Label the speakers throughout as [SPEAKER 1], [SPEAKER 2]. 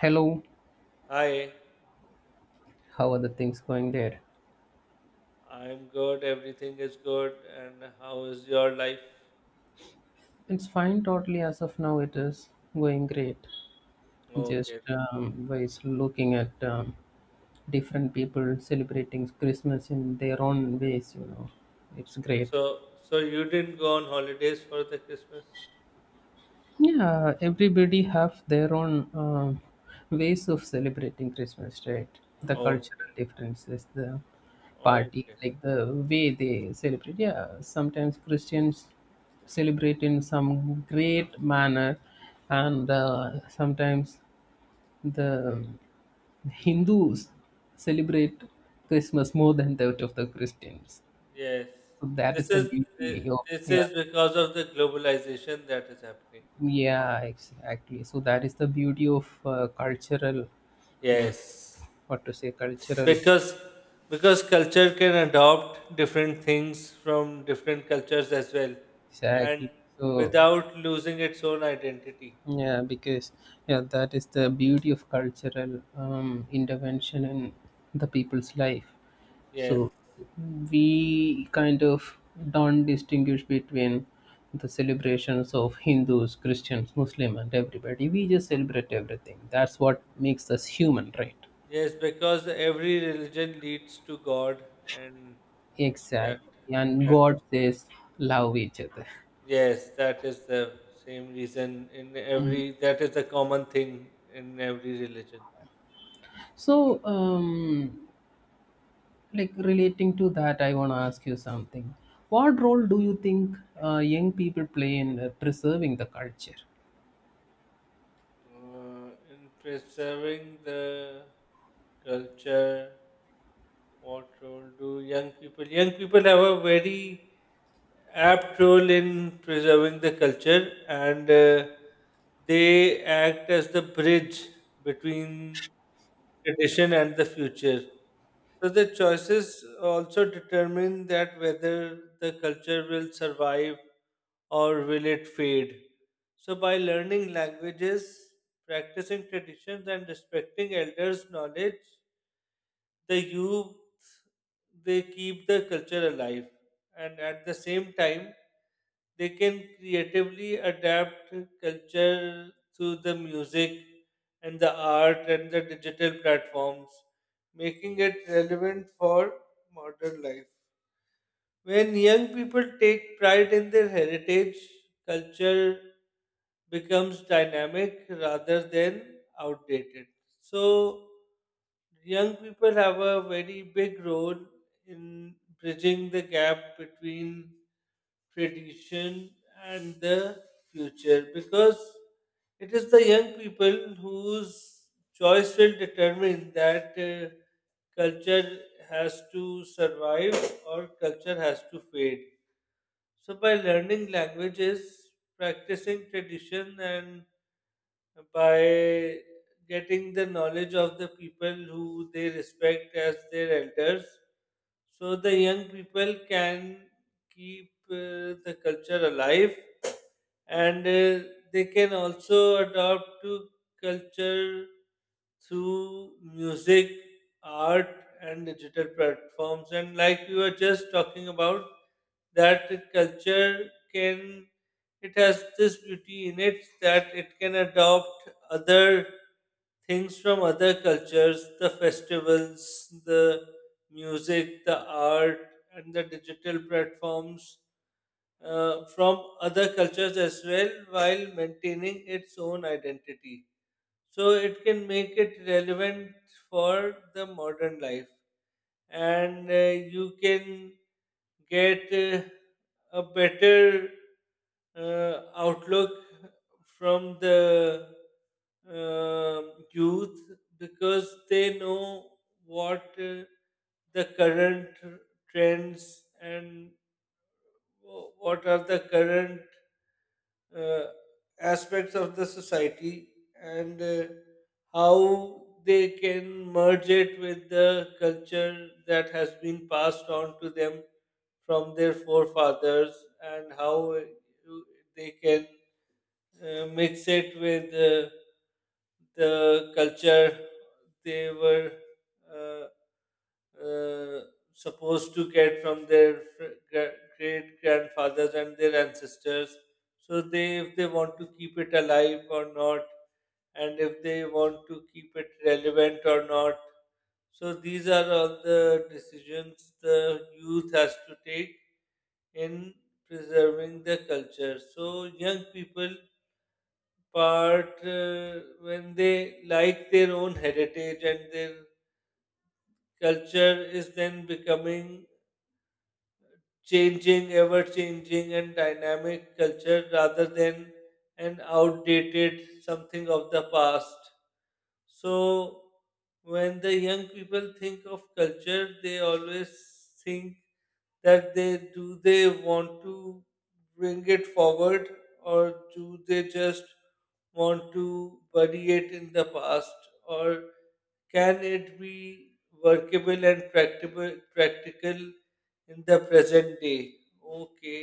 [SPEAKER 1] Hello,
[SPEAKER 2] Hi,
[SPEAKER 1] how are the things going there?
[SPEAKER 2] I'm good. Everything is good. And how is your life?
[SPEAKER 1] It's fine totally as of now, it is going great. Just
[SPEAKER 2] Okay.
[SPEAKER 1] ways looking at different people celebrating Christmas in their own ways. It's great.
[SPEAKER 2] So, so, you didn't go on holidays for the Christmas?
[SPEAKER 1] Yeah, everybody have their own ways of celebrating Christmas, right? The
[SPEAKER 2] Okay.
[SPEAKER 1] cultural differences, the party,
[SPEAKER 2] Okay.
[SPEAKER 1] like the way they celebrate. Yeah, sometimes Christians celebrate in some great manner, and sometimes the Hindus celebrate Christmas more than that of the Christians.
[SPEAKER 2] Yes.
[SPEAKER 1] So that is
[SPEAKER 2] This
[SPEAKER 1] the
[SPEAKER 2] is thi-
[SPEAKER 1] beauty of
[SPEAKER 2] this is
[SPEAKER 1] yeah.
[SPEAKER 2] because of the globalization that is happening.
[SPEAKER 1] Yeah, exactly. So that is the beauty of cultural, hmm,
[SPEAKER 2] Yes.
[SPEAKER 1] what to say, cultural.
[SPEAKER 2] Because because culture can adopt different things from different cultures as well, and
[SPEAKER 1] Exactly. So
[SPEAKER 2] without losing its own identity.
[SPEAKER 1] yeah, because yeah, that is the beauty of cultural intervention in the people's life.
[SPEAKER 2] Yes.
[SPEAKER 1] So we kind of don't distinguish between the celebrations of Hindus, Christians, Muslim, and everybody. We just celebrate everything. That's what makes us human, right?
[SPEAKER 2] Yes, because every religion leads to God, and that
[SPEAKER 1] Exactly. And
[SPEAKER 2] that
[SPEAKER 1] God says, love each other.
[SPEAKER 2] yes, that is the same reason in every. That is the common thing in every religion.
[SPEAKER 1] So, like relating to that, I want to ask you something. What role do you think young people play in preserving the culture?
[SPEAKER 2] In preserving the culture, what role do young people? Young people have a very apt role in preserving the culture, and they act as the bridge between tradition and the future. So the choices also determine that whether the culture will survive or will it fade. So by learning languages, practicing traditions, and respecting elders' knowledge, the youth they keep the culture alive and at the same time they can creatively adapt culture through the music and the art and the digital platforms making it relevant for modern life when young people take pride in their heritage, culture becomes dynamic rather than outdated. So, young people have a very big role in bridging the gap between tradition and the future because it is the young people whose choice will determine that culture has to survive or culture has to fade. So, by learning languages, practicing tradition, and by getting the knowledge of the people who they respect as their elders. So the young people can keep the culture alive and they can also adopt to culture through music, art, and digital platforms. And like you were just talking about, that culture can, it has this beauty in it that it can adopt other things from other cultures, the festivals, the music, the art, and the digital platforms from other cultures as well while maintaining its own identity so it can make it relevant for the modern life and you can get a better outlook from the youth because they know what the current trends and what are the current uh, aspects of the society and how they can merge it with the culture that has been passed on to them from their forefathers and how they can mix it with the culture they were uh, uh, supposed to get from their great grandfathers and their ancestors. So they, if they want to keep it alive or not, and if they want to keep it relevant or not. So these are all the decisions the youth has to take in preserving the culture. So young people part when they like their own heritage and their culture is then becoming changing, ever changing, and dynamic culture rather than an outdated something of the past. So, when the young people think of culture, they always think that they do they want to bring it forward or do they just want to bury it in the past or can it be workable and practical in the present day. Okay.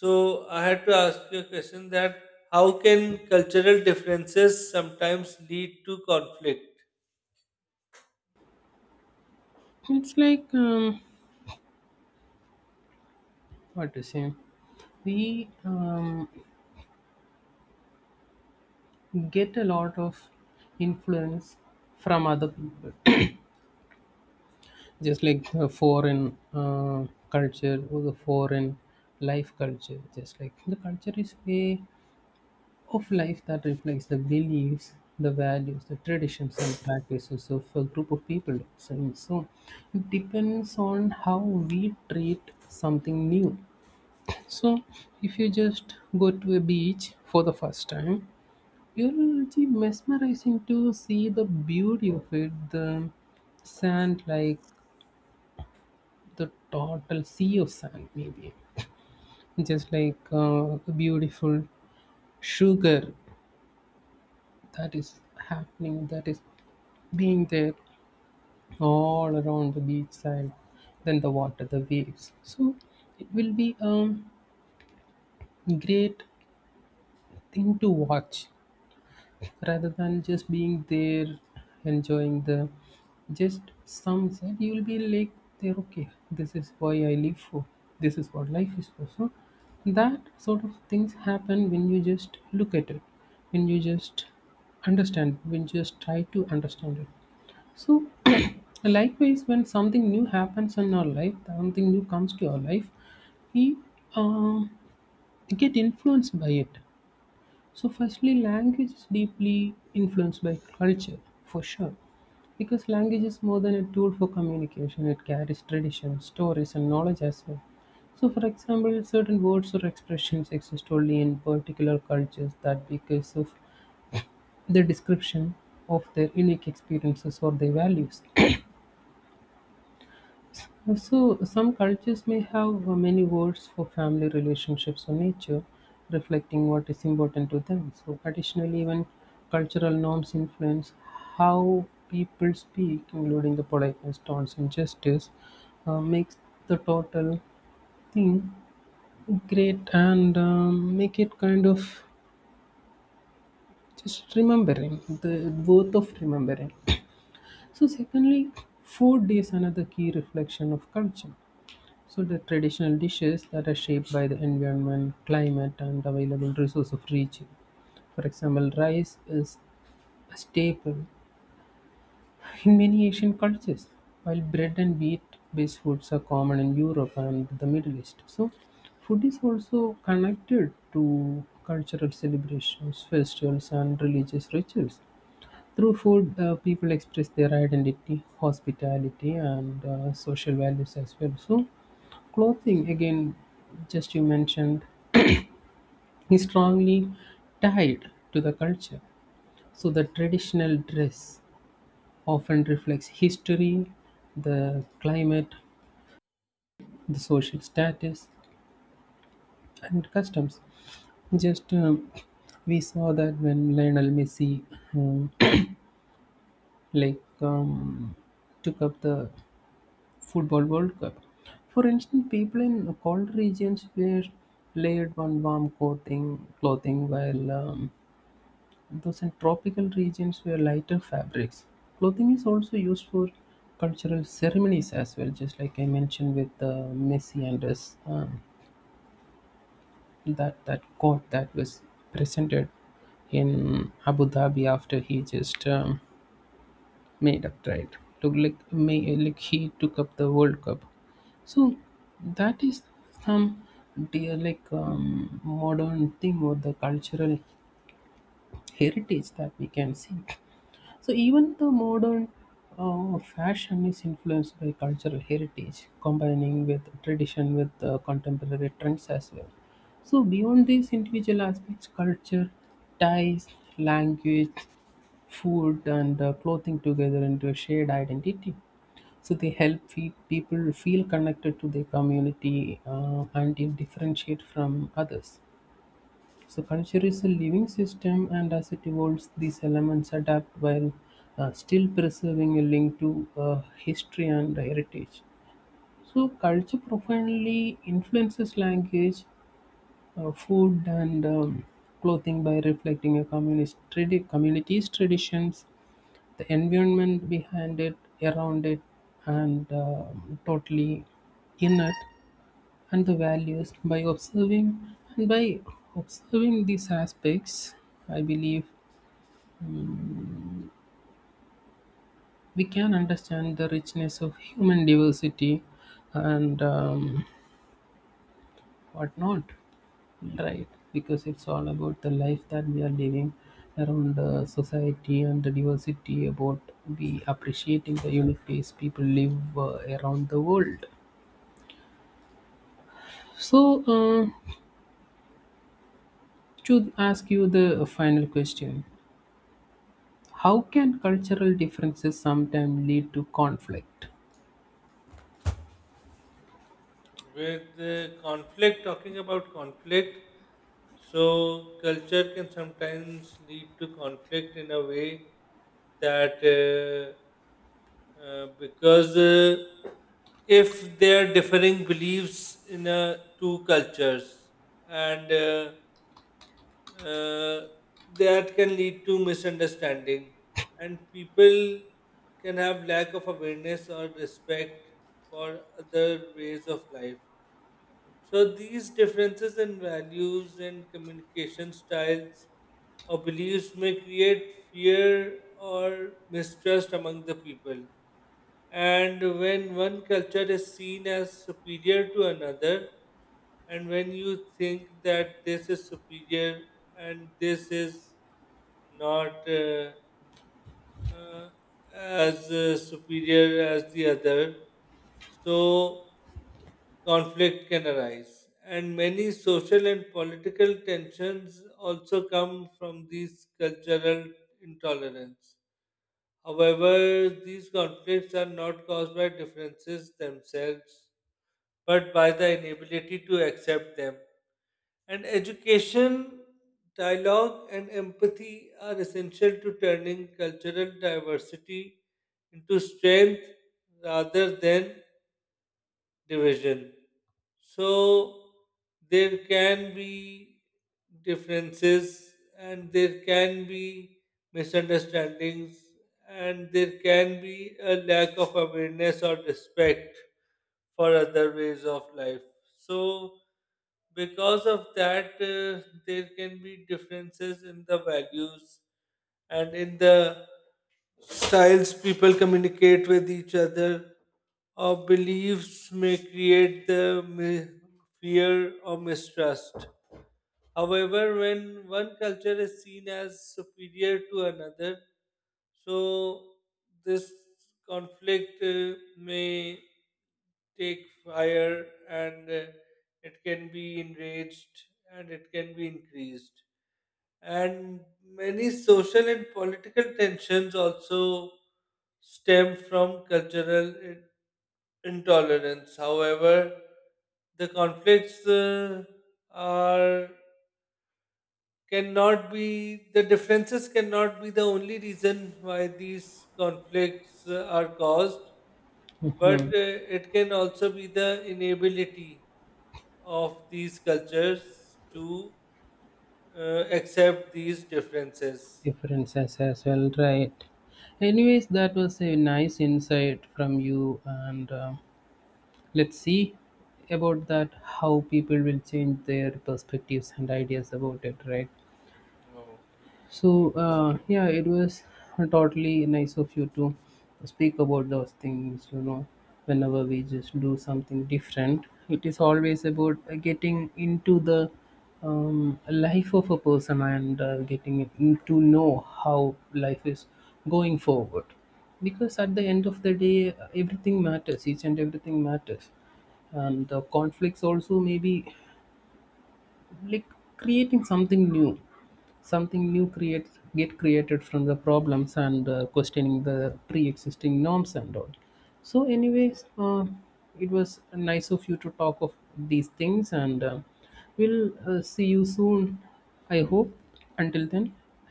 [SPEAKER 2] So I had to ask you a question that how can cultural differences sometimes lead to conflict?
[SPEAKER 1] It's like, what to say? We get a lot of influence from other people, just like foreign culture or the foreign life culture. Just like the culture is way of life that reflects the beliefs, the values, the traditions and practices of a group of people. So, it depends on how we treat something new. So if you just go to a beach for the first time, you'll be mesmerizing to see the beauty of it, the sand like the total sea of sand maybe just like a beautiful sugar that is happening, that is being there all around the beach side, then the water, the waves. So it will be a great thing to watch rather than just being there enjoying the just sunset. You will be like, there, okay, this is why I live for, this is what life is for. So that sort of things happen when you just look at it, when you just understand, when you just try to understand it. So, likewise, when something new happens in our life, something new comes to our life, we uh, get influenced by it. So, firstly, language is deeply influenced by culture, for sure, because language is more than a tool for communication. It carries tradition, stories, and knowledge as well. So, for example, certain words or expressions exist only in particular cultures, that because of the description of their unique experiences or their values. So, some cultures may have many words for family relationships or nature, reflecting what is important to them. So, additionally, even cultural norms influence how people speak, including the politeness, tones, and gestures, makes the total thing great and make it kind of just remembering the worth of remembering. So, secondly, food is another key reflection of culture. So the traditional dishes that are shaped by the environment, climate, and available resource of region. For example, rice is a staple in many Asian cultures, while bread and wheat-based foods are common in Europe and the Middle East. So food is also connected to cultural celebrations, festivals, and religious rituals. Through food, people express their identity, hospitality, and social values as well. So, clothing, again, just you mentioned, is strongly tied to the culture. So, the traditional dress often reflects history, the climate, the social status, and customs. Just we saw that when Lionel Messi um, like um, took up the Football World Cup. For instance, people in cold regions wear layered one warm clothing, clothing, while those in tropical regions wear lighter fabrics. Clothing is also used for cultural ceremonies as well, just like I mentioned with Messi and his, that coat that was presented in Abu Dhabi after he just made up right, took like may, like he took up the World Cup. So that is some dear like modern thing or the cultural heritage that we can see. So even the modern fashion is influenced by cultural heritage, combining with tradition with contemporary trends as well. So beyond these individual aspects, culture ties, language, food, and clothing together into a shared identity. So they help people feel connected to their community and differentiate from others. So culture is a living system, and as it evolves, these elements adapt while still preserving a link to history and heritage. So culture profoundly influences language, food, and clothing by reflecting a community's traditions, the environment behind it, around it, and totally in it, and the values. By observing and by observing these aspects, I believe um, we can understand the richness of human diversity and whatnot, right? Because it's all about the life that we are living around the society, and the diversity about, we appreciating the unique ways people live around the world. So uh, to ask you the final question: how can cultural differences sometimes lead to conflict?
[SPEAKER 2] With conflict, talking about conflict, so culture can sometimes lead to conflict in a way that because if there are differing beliefs in two cultures and uh, that can lead to misunderstanding and people can have lack of awareness or respect for other ways of life so these differences in values and communication styles or beliefs may create fear or mistrust among the people. And when one culture is seen as superior to another, and when you think that this is superior and this is not. As superior as the other, so conflict can arise. And many social and political tensions also come from these cultural intolerance. However, these conflicts are not caused by differences themselves, but by the inability to accept them. And education, dialogue, and empathy are essential to turning cultural diversity into strength rather than division. So there can be differences and there can be misunderstandings and there can be a lack of awareness or respect for other ways of life. So because of that, there can be differences in the values and in the styles people communicate with each other or beliefs may create the fear or mistrust. However, when one culture is seen as superior to another, so this conflict may take fire and it can be enraged and it can be increased and many social and political tensions also stem from cultural intolerance. However, the conflicts are cannot be the differences cannot be the only reason why these conflicts are caused, but it can also be the inability of these cultures to accept these differences.
[SPEAKER 1] Differences as well, right? Anyways, that was a nice insight from you, and let's see about that, how people will change their perspectives and ideas about it, right?
[SPEAKER 2] Okay. Yeah.
[SPEAKER 1] So yeah, it was totally nice of you to speak about those things. You know, whenever we just do something different, it is always about getting into the life of a person, and to know how life is going forward. Because at the end of the day, everything matters. Each and everything matters, and the conflicts also maybe like creating something new, something new create get created from the problems and questioning the pre-existing norms and all. So anyways, it was nice of you to talk of these things, and we'll see you soon, I hope. Until then,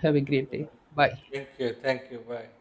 [SPEAKER 1] have a great day. Bye.
[SPEAKER 2] Thank you. Thank you. Bye.